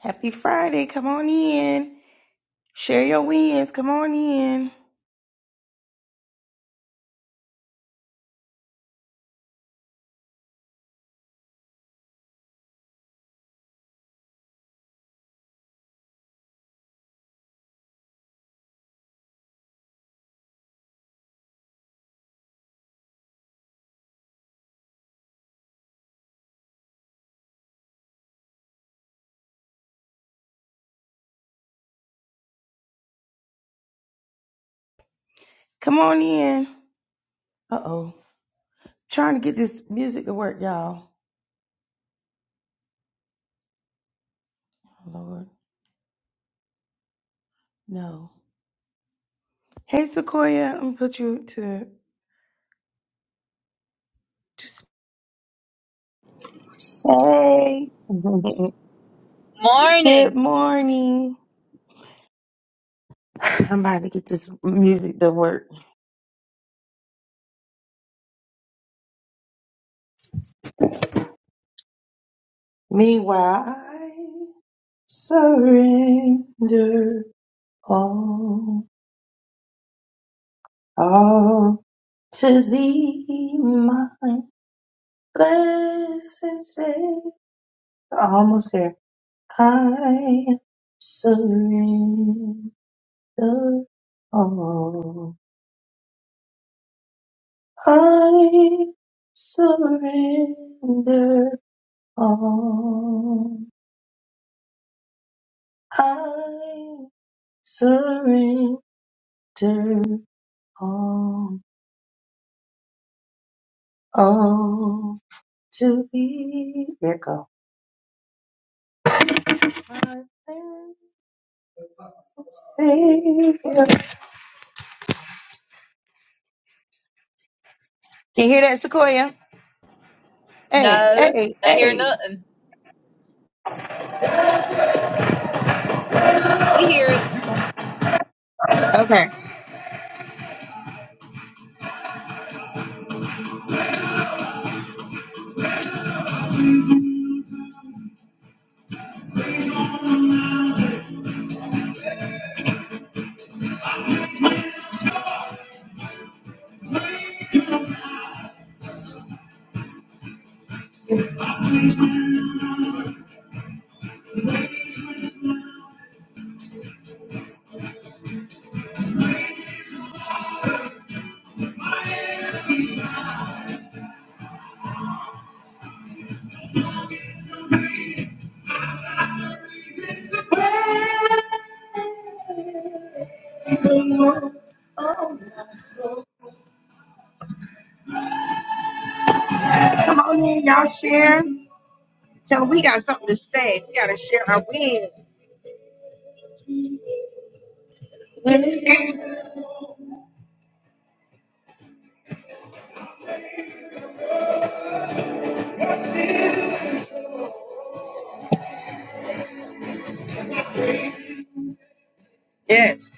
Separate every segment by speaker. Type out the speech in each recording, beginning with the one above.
Speaker 1: Happy Friday. Come on in. Share your wins. Come on in. Come on in. Uh oh. Trying to get this music to work, y'all. Oh, Lord. No. Hey, Sequoia. I'm going to put you to To s- hey. Good
Speaker 2: Morning.
Speaker 1: morning. I'm about to get this music to work. Meanwhile, I surrender all, all to thee, my Blessed Savior. Almost there. I surrender all. I surrender all. I surrender all. All to thee. There it go. My blessed Savior. Do you hear that, Sequoia? Hey,
Speaker 2: No,
Speaker 1: hey,
Speaker 2: I hear
Speaker 1: hey.
Speaker 2: nothing. We hear it.
Speaker 1: Okay. Come on in, y'all share. Tell them we got something to say. We gotta share our wins. Yes.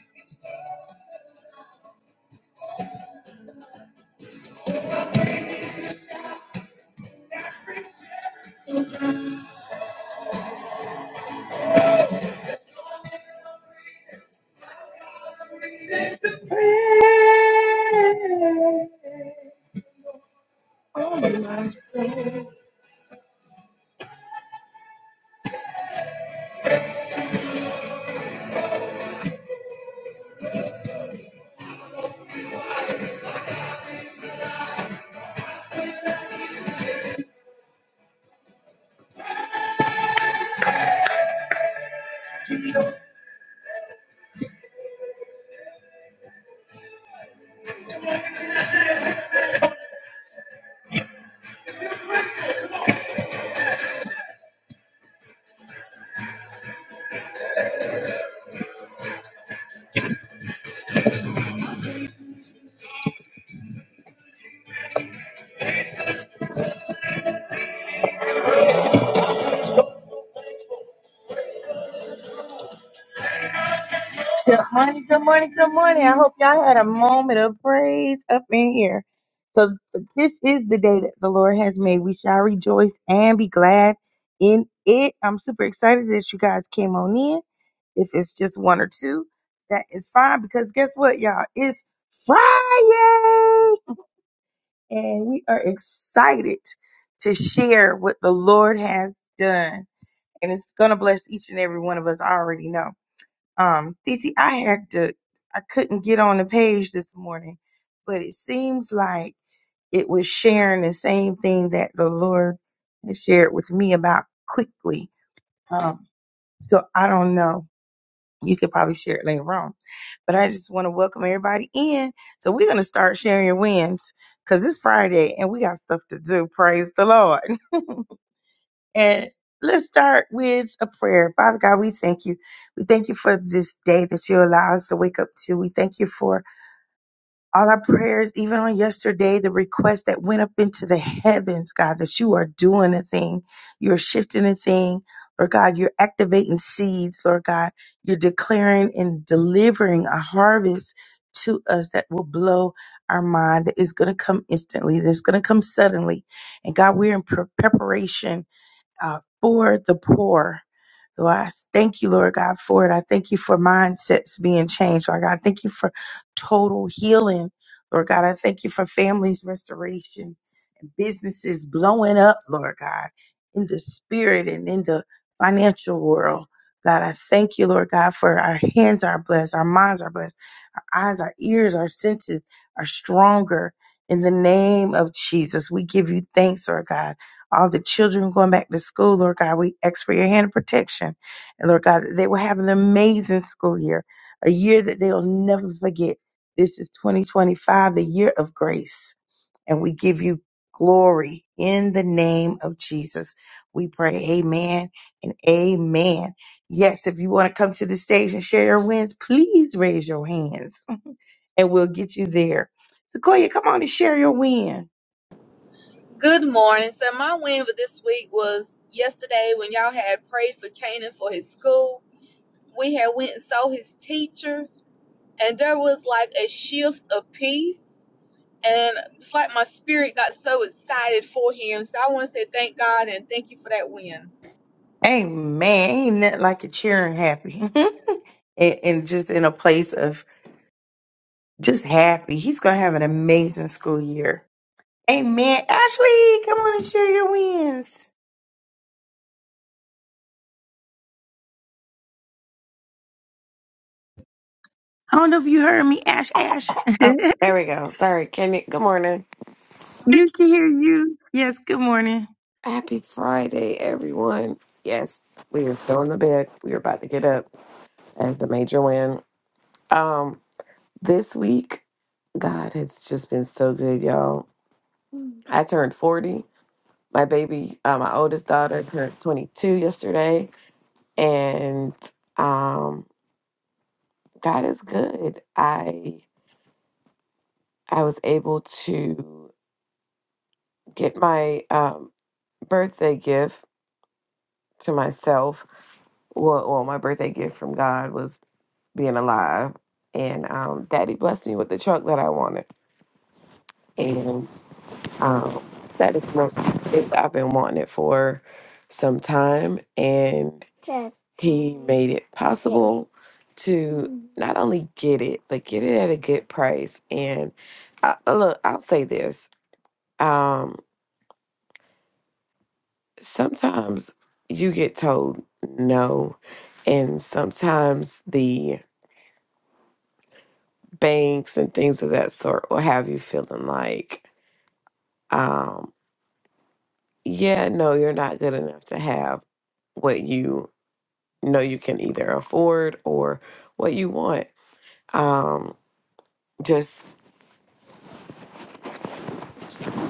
Speaker 1: Good morning, good morning, good morning. I hope y'all had a moment of praise up in here. So this is the day that the Lord has made. We shall rejoice and be glad in it. I'm super excited that you guys came on in. If it's just one or two, that is fine because guess what, y'all? It's Friday and we are excited to share what the Lord has done. And it's going to bless each and every one of us. I already know. Um, DC, I had to, I couldn't get on the page this morning, but it seems like it was sharing the same thing that the Lord has shared with me about quickly. Um, so I don't know you could probably share it later on. But I just want to welcome everybody in. So we're going to start sharing your wins because it's Friday and we got stuff to do. Praise the Lord. and let's start with a prayer. Father God, we thank you. We thank you for this day that you allow us to wake up to. We thank you for all our prayers, even on yesterday, the request that went up into the heavens, God, that you are doing a thing. You're shifting a thing. Lord God, you're activating seeds, Lord God. You're declaring and delivering a harvest to us that will blow our mind, that is going to come instantly, that's going to come suddenly. And God, we're in pre- preparation uh, for the poor. Lord, I thank you, Lord God, for it. I thank you for mindsets being changed, Lord God. I thank you for total healing, Lord God. I thank you for families restoration and businesses blowing up, Lord God, in the spirit and in the financial world. God, I thank you, Lord God, for our hands are blessed, our minds are blessed, our eyes, our ears, our senses are stronger. In the name of Jesus, we give you thanks, Lord God all the children going back to school, Lord God, we ask for your hand of protection. And Lord God, they will have an amazing school year, a year that they'll never forget. This is 2025, the year of grace. And we give you glory in the name of Jesus. We pray, Amen and Amen. Yes, if you want to come to the stage and share your wins, please raise your hands and we'll get you there. Sequoia, come on and share your win.
Speaker 2: Good morning. So my win for this week was yesterday when y'all had prayed for Canaan for his school. We had went and saw his teachers, and there was like a shift of peace. And it's like my spirit got so excited for him. So I want to say thank God and thank you for that win.
Speaker 1: Amen. Ain't nothing like a cheering happy. and, and just in a place of just happy. He's going to have an amazing school year. Amen. Ashley, come on and share your wins. I don't know if you heard me, Ash Ash.
Speaker 3: Oh, there we go. Sorry, Kenny. Good morning.
Speaker 1: you can hear you. Yes, good morning.
Speaker 3: Happy Friday, everyone. Yes, we are still in the bed. We are about to get up as the major win. Um, this week, God has just been so good, y'all. I turned 40. My baby, uh, my oldest daughter turned 22 yesterday, and um, God is good. I I was able to get my um, birthday gift to myself well, well, my birthday gift from God was being alive, and um, Daddy blessed me with the truck that I wanted, and um, that is the most I've been wanting it for some time, and He made it possible to not only get it but get it at a good price. And I, uh, look, I'll say this: um, sometimes you get told no, and sometimes the banks and things of that sort will have you feeling like, um, yeah, no, you're not good enough to have what you know you can either afford or what you want. Um, just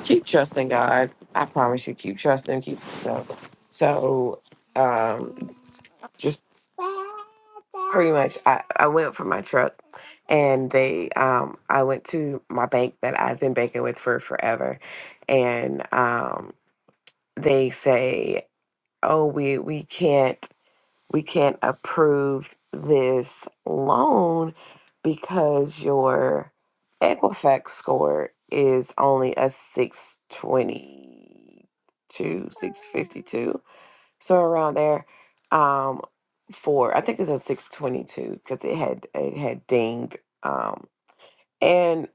Speaker 3: keep trusting God. I promise you, keep trusting, keep so. So um just pretty much I, I went for my truck and they um I went to my bank that I've been banking with for forever and um they say oh we we can't we can't approve this loan because your Equifax score is only a 622 652 so around there um for I think it's a 622 because it had it had dinged um and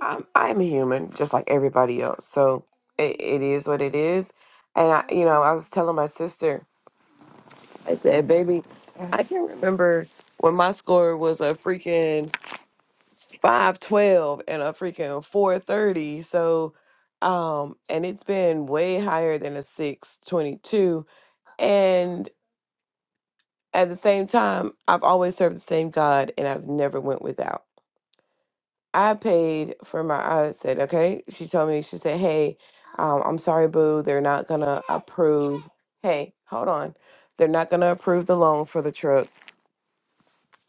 Speaker 3: I'm, I'm a human just like everybody else so it, it is what it is and I you know I was telling my sister I said, baby, I can remember when my score was a freaking 512 and a freaking 430. So, um, and it's been way higher than a 622. And at the same time, I've always served the same God and I've never went without. I paid for my, I said, okay. She told me, she said, hey, um, I'm sorry, boo. They're not going to approve. Hey, hold on. They're not going to approve the loan for the truck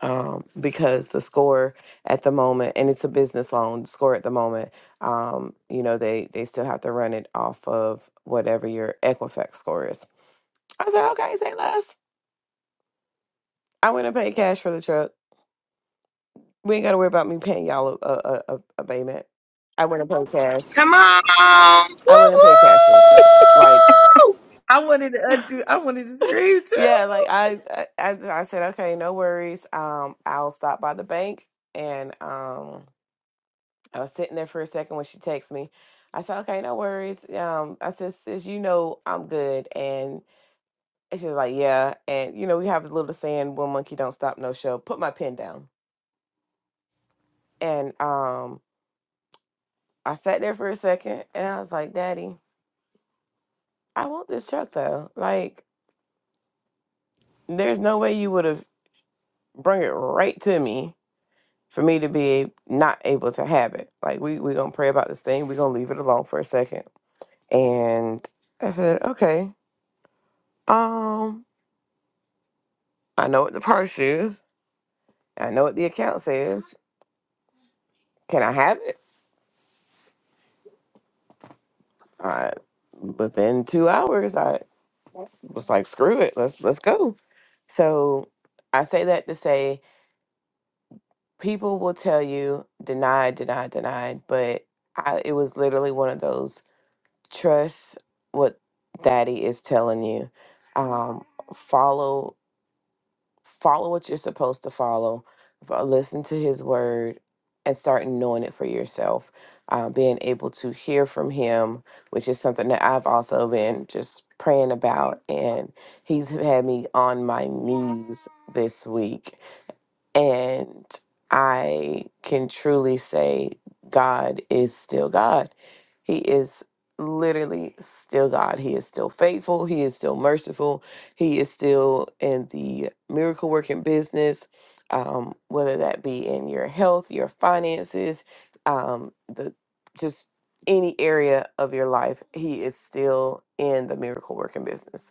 Speaker 3: um, because the score at the moment, and it's a business loan, the score at the moment, um, you know, they they still have to run it off of whatever your Equifax score is. I was like, okay, say less. I went and paid cash for the truck. We ain't got to worry about me paying y'all a, a, a, a payment. I went and paid cash.
Speaker 4: Come on! Woo
Speaker 3: I went and paid cash for the truck. Like,
Speaker 4: woo!
Speaker 1: I wanted to undo. I wanted to scream too.
Speaker 3: yeah, like I, I, I I said, okay, no worries. Um, I'll stop by the bank and um I was sitting there for a second when she texted me. I said, okay, no worries. Um, I said, sis, you know I'm good. And she was like, yeah. And, you know, we have a little saying, one monkey don't stop, no show. Put my pen down. And um, I sat there for a second and I was like, daddy, I want this truck though. Like, there's no way you would have brung it right to me for me to be not able to have it. Like, we we going to pray about this thing. we going to leave it alone for a second. And I said, okay. Um, I know what the purse is. I know what the account says. Can I have it? I, within two hours, I was like, screw it. Let's let's go. So I say that to say people will tell you deny, deny, deny, but I, it was literally one of those trust what daddy is telling you. Um, follow follow what you're supposed to follow, fo- listen to his word, and start knowing it for yourself. Uh, being able to hear from him, which is something that I've also been just praying about. And he's had me on my knees this week and I can truly say God is still God. He is literally still God. He is still faithful. He is still merciful. He is still in the miracle working business, um, whether that be in your health, your finances, um, the just any area of your life, He is still in the miracle working business.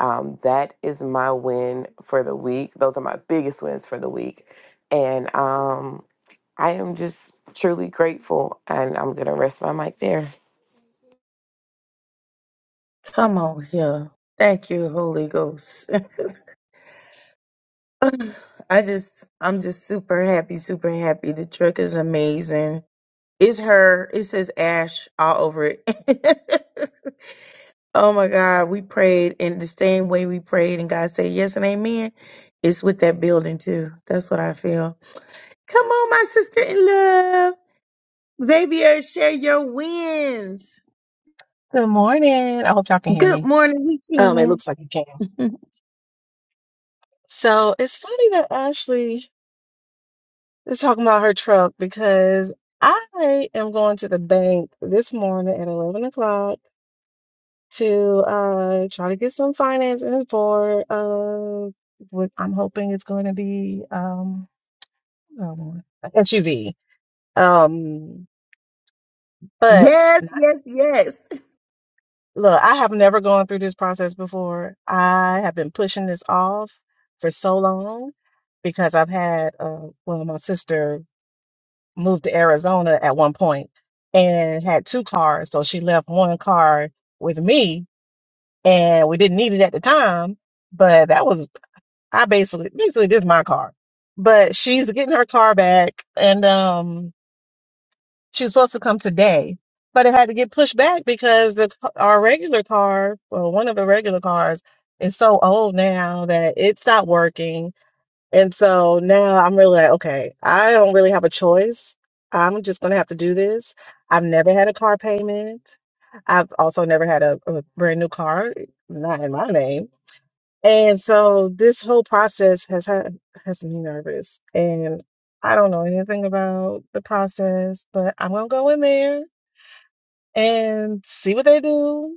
Speaker 3: Um, that is my win for the week. Those are my biggest wins for the week. And um, I am just truly grateful. And I'm going to rest my mic there.
Speaker 1: Come on here. Thank you, Holy Ghost. I just, I'm just super happy, super happy. The truck is amazing. It's her. It says Ash all over it. oh my God. We prayed in the same way we prayed, and God said yes and amen. It's with that building too. That's what I feel. Come on, my sister in love. Xavier, share your wins.
Speaker 5: Good morning. I hope y'all can hear
Speaker 1: Good
Speaker 5: me.
Speaker 1: morning,
Speaker 5: Um, it
Speaker 1: weekend.
Speaker 5: looks like you can. So it's funny that Ashley is talking about her truck because I am going to the bank this morning at 11 o'clock to uh try to get some financing for uh what I'm hoping is going to be um oh, Lord, a SUV. Um, but
Speaker 1: Yes, yes, yes.
Speaker 5: Look, I have never gone through this process before. I have been pushing this off for so long because I've had, uh, well, my sister moved to Arizona at one point and had two cars. So she left one car with me and we didn't need it at the time, but that was, I basically, basically, this is my car. But she's getting her car back and, um, she was supposed to come today, but it had to get pushed back because the our regular car, well, one of the regular cars, is so old now that it's not working. And so now I'm really like, okay, I don't really have a choice. I'm just gonna have to do this. I've never had a car payment. I've also never had a, a brand new car, not in my name. And so this whole process has had has me nervous. And I don't know anything about the process, but I'm gonna go in there and see what they do,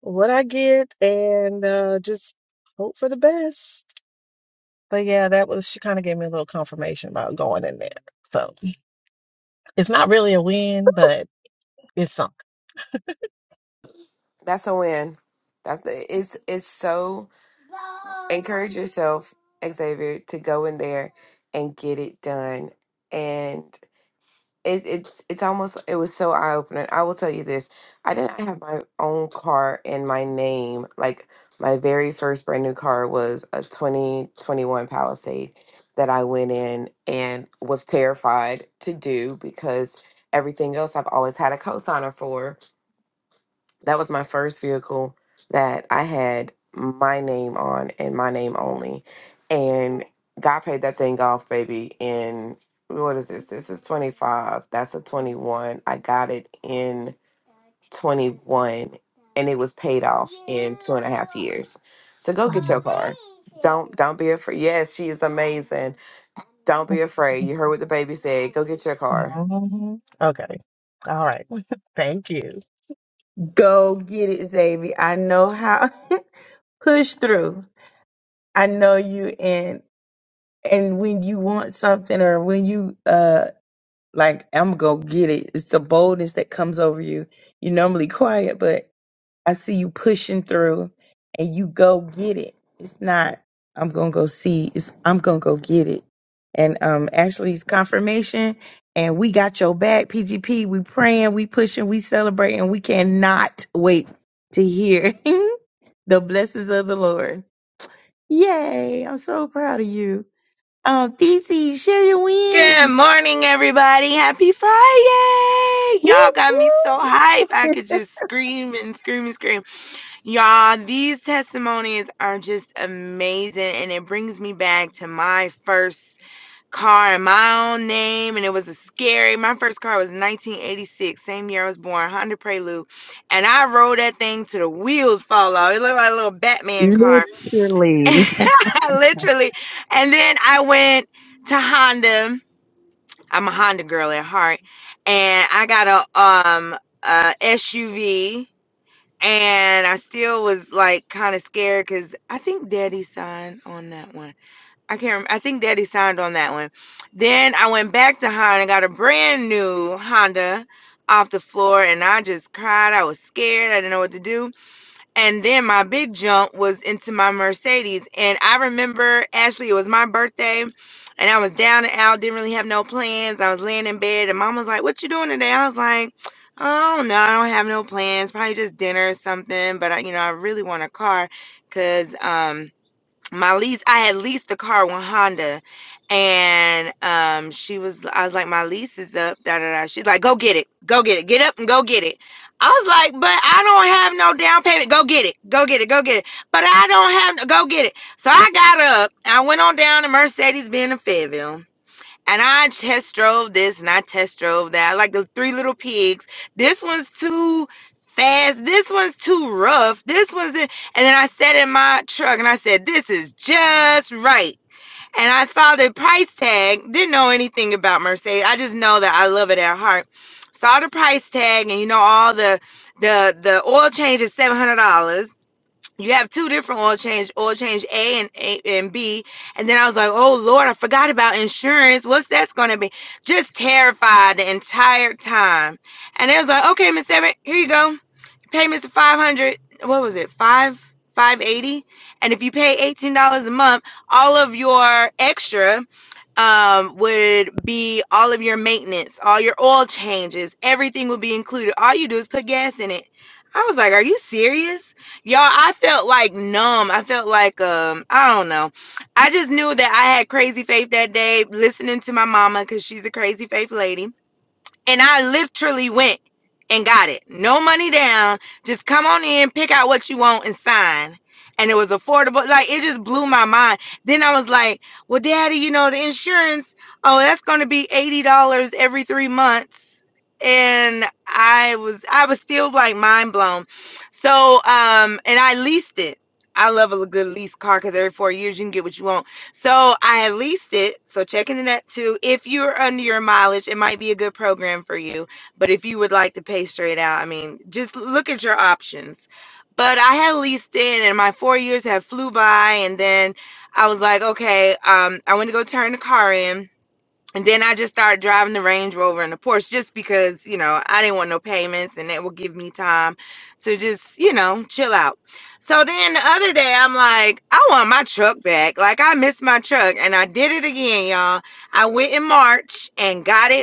Speaker 5: what I get, and uh, just hope for the best. But yeah, that was she kind of gave me a little confirmation about going in there. So it's not really a win, but it's something.
Speaker 3: That's a win. That's the, it's, it's so encourage yourself, Xavier, to go in there and get it done. And it, it's it's almost it was so eye opening. I will tell you this: I did not have my own car in my name. Like my very first brand new car was a twenty twenty one Palisade that I went in and was terrified to do because everything else I've always had a cosigner for. That was my first vehicle that I had my name on and my name only. And God paid that thing off, baby, in what is this? This is 25. That's a 21. I got it in 21 and it was paid off in two and a half years. So go get your
Speaker 5: Mm.
Speaker 3: car. Don't don't be afraid. Yes, she is amazing. Don't be afraid. You heard what the baby said. Go get your car.
Speaker 5: Mhm. Okay. All right. Thank you.
Speaker 1: Go get it, Xavier. I know how. Push through. I know you and and when you want something or when you uh like I'm gonna go get it. It's the boldness that comes over you. You're normally quiet, but. I see you pushing through and you go get it. It's not I'm gonna go see, it's I'm gonna go get it. And um Ashley's confirmation and we got your back, PGP. We praying, we pushing, we celebrating, we cannot wait to hear the blessings of the Lord. Yay, I'm so proud of you. Um DC, share your
Speaker 4: Good
Speaker 1: wins.
Speaker 4: morning, everybody. Happy Friday!
Speaker 1: Woo,
Speaker 4: Y'all got me so
Speaker 1: woo.
Speaker 4: hype. I could just scream and scream and scream. Y'all, these testimonies are just amazing, and it brings me back to my first car in my own name, and it was a scary. My first car was 1986, same year I was born, Honda Prelude, and I rode that thing to the wheels fall off. It looked like a little Batman car.
Speaker 1: Literally.
Speaker 4: literally. And then I went to Honda. I'm a Honda girl at heart, and I got a um a SUV. And I still was like kind of scared because I think Daddy signed on that one. I can't. Remember. I think Daddy signed on that one. Then I went back to Honda, and got a brand new Honda off the floor, and I just cried. I was scared. I didn't know what to do and then my big jump was into my Mercedes. And I remember, Ashley, it was my birthday, and I was down and out, didn't really have no plans. I was laying in bed, and mom was like, What you doing today? I was like, Oh, no, I don't have no plans. Probably just dinner or something. But, I, you know, I really want a car because my lease i had leased the car with honda and um she was i was like my lease is up da da da she's like go get it go get it get up and go get it i was like but i don't have no down payment go get it go get it go get it but i don't have no, go get it so i got up i went on down to mercedes benz in fayetteville and I test drove this and I test drove that. I like the three little pigs. This one's too fast. This one's too rough. This one's and then I sat in my truck and I said, This is just right. And I saw the price tag, didn't know anything about Mercedes. I just know that I love it at heart. Saw the price tag and you know all the the the oil change is $700 you have two different oil change oil change a and a and b and then i was like oh lord i forgot about insurance what's that's gonna be just terrified the entire time and it was like okay miss Everett, here you go payments of 500 what was it 5 580 and if you pay $18 a month all of your extra um, would be all of your maintenance, all your oil changes, everything would be included. All you do is put gas in it. I was like, are you serious? Y'all, I felt like numb. I felt like, um, I don't know. I just knew that I had crazy faith that day listening to my mama because she's a crazy faith lady and I literally went and got it. No money down. Just come on in, pick out what you want, and sign. And it was affordable. Like it just blew my mind. Then I was like, "Well, Daddy, you know the insurance. Oh, that's going to be eighty dollars every three months." And I was, I was still like mind blown. So, um, and I leased it. I love a good lease car because every four years you can get what you want. So I leased it. So check in that too. If you're under your mileage, it might be a good program for you. But if you would like to pay straight out, I mean, just look at your options. But I had leased in, and my four years had flew by, and then I was like, okay, um, I want to go turn the car in and then I just started driving the Range Rover and the Porsche just because, you know, I didn't want no payments and that would give me time to just, you know, chill out. So then the other day I'm like, I want my truck back. Like I missed my truck and I did it again, y'all. I went in March and got it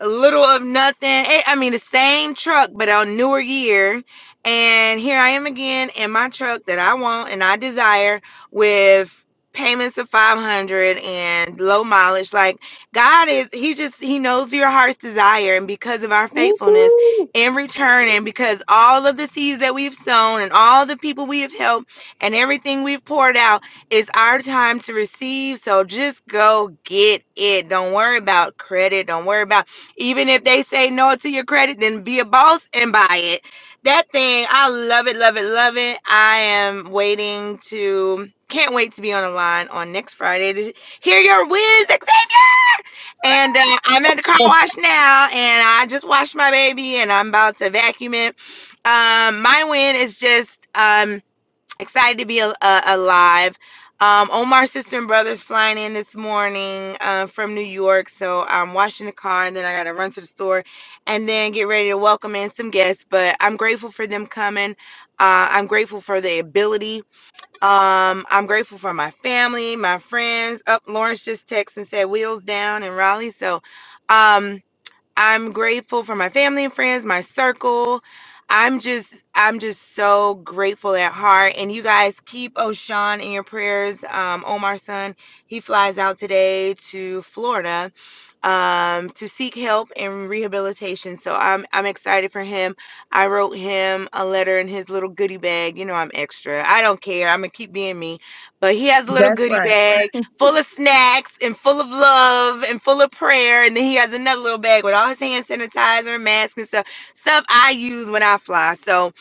Speaker 4: a little of nothing. Eh, I mean, the same truck, but on newer year. And here I am again in my truck that I want and I desire with payments of 500 and low mileage. Like God is, He just, He knows your heart's desire. And because of our faithfulness
Speaker 1: Woo-hoo.
Speaker 4: in return, and because all of the seeds that we've sown and all the people we have helped and everything we've poured out, it's our time to receive. So just go get it. Don't worry about credit. Don't worry about even if they say no to your credit, then be a boss and buy it. That thing, I love it, love it, love it. I am waiting to, can't wait to be on the line on next Friday to hear your wins, Xavier. And uh, I'm at the car wash now, and I just washed my baby, and I'm about to vacuum it. Um, my win is just. Um, excited to be a, a, alive. Um, Omar's sister and brother's flying in this morning uh, from New York, so I'm washing the car and then I gotta run to the store and then get ready to welcome in some guests. But I'm grateful for them coming. Uh, I'm grateful for the ability. Um, I'm grateful for my family, my friends. Up, Lawrence just texted and said wheels down in Raleigh, so. Um, I'm grateful for my family and friends, my circle. I'm just I'm just so grateful at heart. And you guys keep O'Shawn in your prayers. Um, Omar's son, he flies out today to Florida um, to seek help and rehabilitation. So I'm I'm excited for him. I wrote him a letter in his little goodie bag. You know I'm extra. I don't care. I'm gonna keep being me. But he has a little
Speaker 1: That's
Speaker 4: goodie
Speaker 1: right.
Speaker 4: bag full of snacks and full of love and full of prayer. And then he has another little bag with all his hand sanitizer and masks and stuff, stuff I use when I fly. So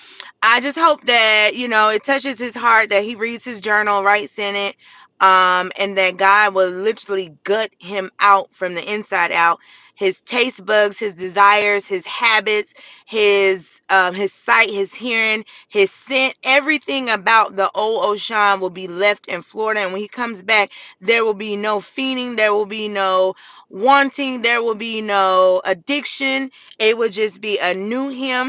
Speaker 4: I just hope that, you know, it touches his heart that he reads his journal, writes in it, um, and that God will literally gut him out from the inside out. His taste bugs, his desires, his habits, his um, his sight, his hearing, his scent, everything about the old O'Shawn will be left in Florida. And when he comes back, there will be no fiending. There will be no wanting. There will be no addiction. It will just be a new him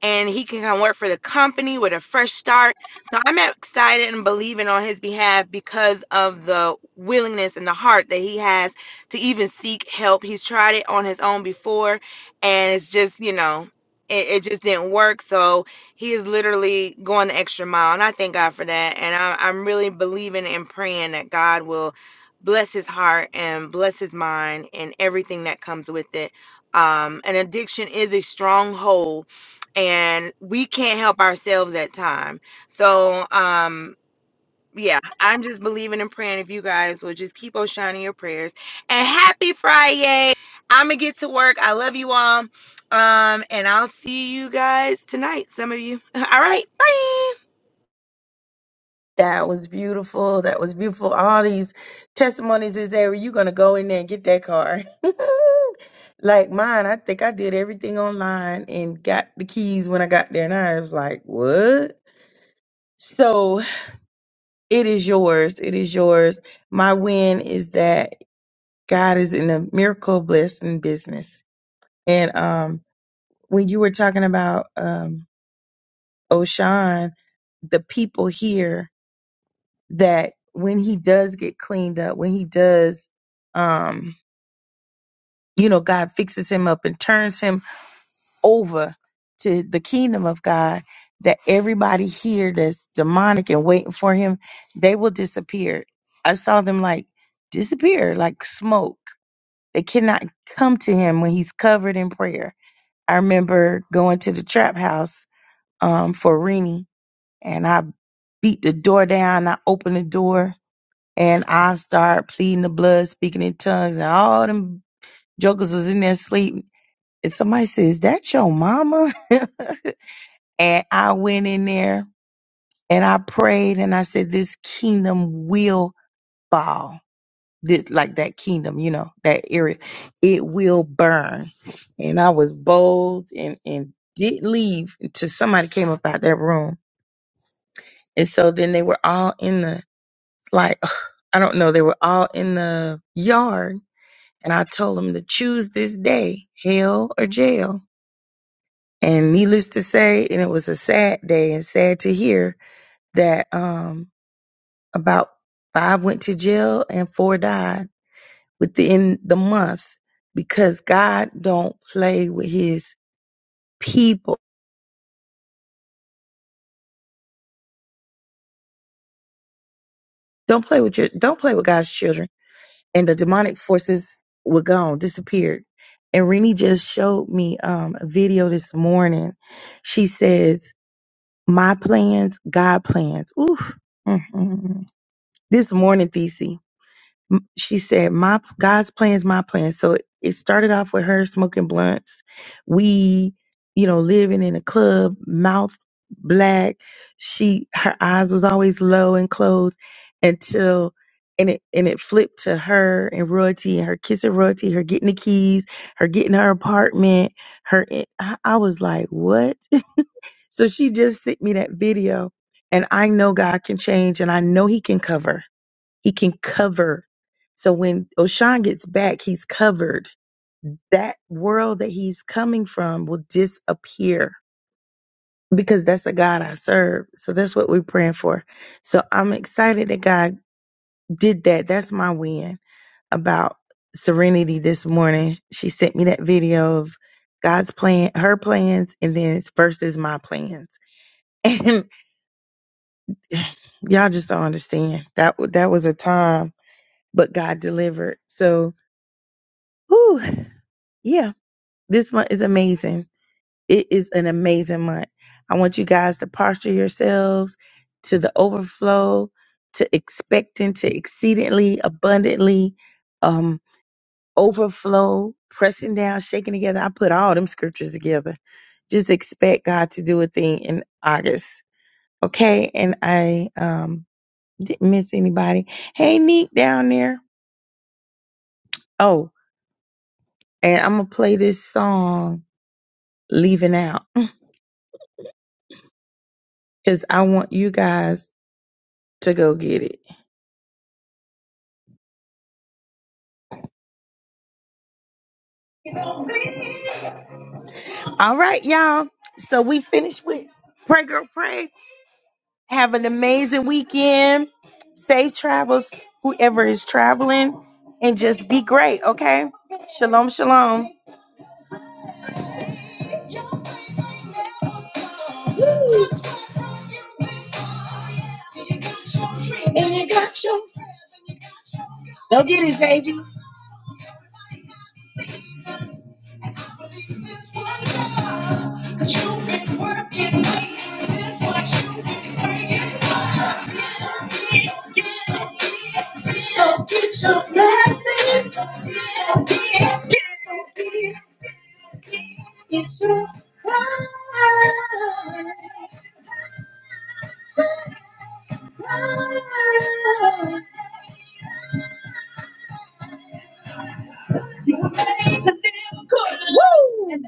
Speaker 4: and he can come work for the company with a fresh start. So I'm excited and believing on his behalf because of the willingness and the heart that he has to even seek help. He's tried it on his own before, and it's just, you know, it, it just didn't work. So he is literally going the extra mile, and I thank God for that. And I, I'm really believing and praying that God will bless his heart and bless his mind and everything that comes with it. Um, an addiction is a stronghold and we can't help ourselves at time. So, um, yeah, I'm just believing and praying if you guys will just keep on shining your prayers. And happy Friday. I'm gonna get to work. I love you all. Um, and I'll see you guys tonight, some of you. All right, bye.
Speaker 1: That was beautiful. That was beautiful. All these testimonies is there. You're going to go in there and get that car. like mine, I think I did everything online and got the keys when I got there. And I was like, what? So it is yours. It is yours. My win is that God is in a miracle blessing business. And um, when you were talking about um, Oshan, the people here that when he does get cleaned up, when he does, um, you know, God fixes him up and turns him over to the kingdom of God, that everybody here that's demonic and waiting for him, they will disappear. I saw them like disappear, like smoke. They cannot come to him when he's covered in prayer. I remember going to the trap house um, for Rennie, and I beat the door down. I opened the door and I start pleading the blood, speaking in tongues, and all them jokers was in there sleeping. And somebody says, "That your mama?" and I went in there and I prayed and I said, "This kingdom will fall." This like that kingdom, you know, that area, it will burn. And I was bold and and didn't leave until somebody came up out that room. And so then they were all in the it's like I don't know, they were all in the yard And I told him to choose this day, hell or jail. And needless to say, and it was a sad day and sad to hear that um about five went to jail and four died within the month because God don't play with his people. Don't play with your don't play with God's children. And the demonic forces were gone, disappeared. And Renee just showed me um, a video this morning. She says my plans, God plans. Oof. mm This morning, Thesey, m- she said, "My God's plans, my plans." So it started off with her smoking blunts. We, you know, living in a club, mouth black. She, her eyes was always low and closed until. And it and it flipped to her and royalty and her kissing royalty, her getting the keys, her getting her apartment, her. I I was like, what? So she just sent me that video, and I know God can change, and I know He can cover. He can cover. So when Oshan gets back, he's covered. That world that he's coming from will disappear because that's the God I serve. So that's what we're praying for. So I'm excited that God did that. That's my win about Serenity this morning. She sent me that video of God's plan, her plans, and then it's versus my plans. y'all just don't understand. That wa- that was a time, but God delivered. So, whew, yeah, this month is amazing. It is an amazing month. I want you guys to posture yourselves to the overflow, to expecting, to exceedingly abundantly um, overflow, pressing down, shaking together. I put all them scriptures together. Just expect God to do a thing in August, okay? And I um Didn't miss anybody. Hey, Neek down there. Oh, and I'm going to play this song, Leaving Out, because I want you guys to go get it. All right, y'all. So we finished with Pray Girl Pray. Have an amazing weekend. Safe travels, whoever is traveling, and just be great, okay? Shalom, shalom. Woo. And you got your. Go get it, baby. And I Believe this one God, 'cause you've been working late. This what you've been praying for. Get up, get up, get up, get up, get your blessing. Get up, get up, get up, get up, It's your time. Time. You made to live good.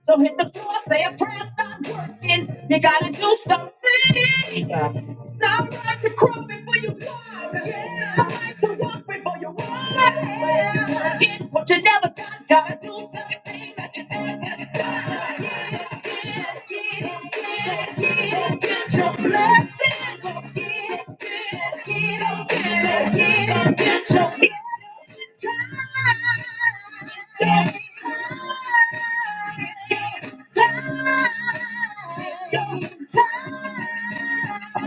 Speaker 1: So hit the floor, say a prayer, stop working. You gotta do something. It's all right to crawl before you walk. It's all right to walk before you walk. Get what you never got, gotta do something that you never got. Time. time, time.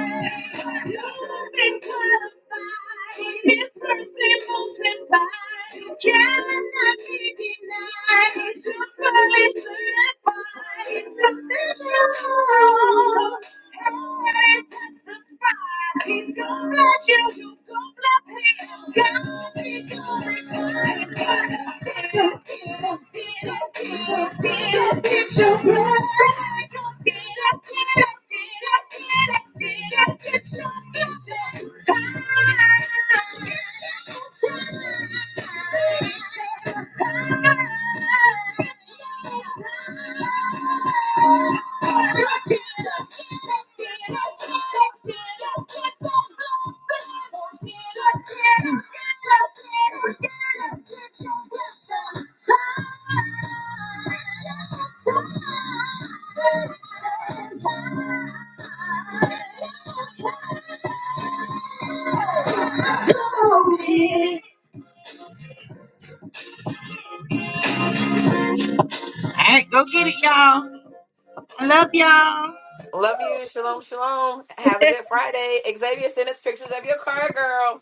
Speaker 1: You've been purified, it's mercy multiplied. Try not to be denied. Superly certified, special. He's gonna bless you, you gonna bless him. God be glorified. God be glorified. Don't Get your blessing. Don't Get your blessing. Time, time, time. All right, go get it, y'all. I love y'all.
Speaker 3: Love you. Shalom, shalom. Have a good Friday. Xavier, send us pictures of your car, girl.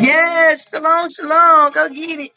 Speaker 1: Yes, shalom, shalom. Go get it.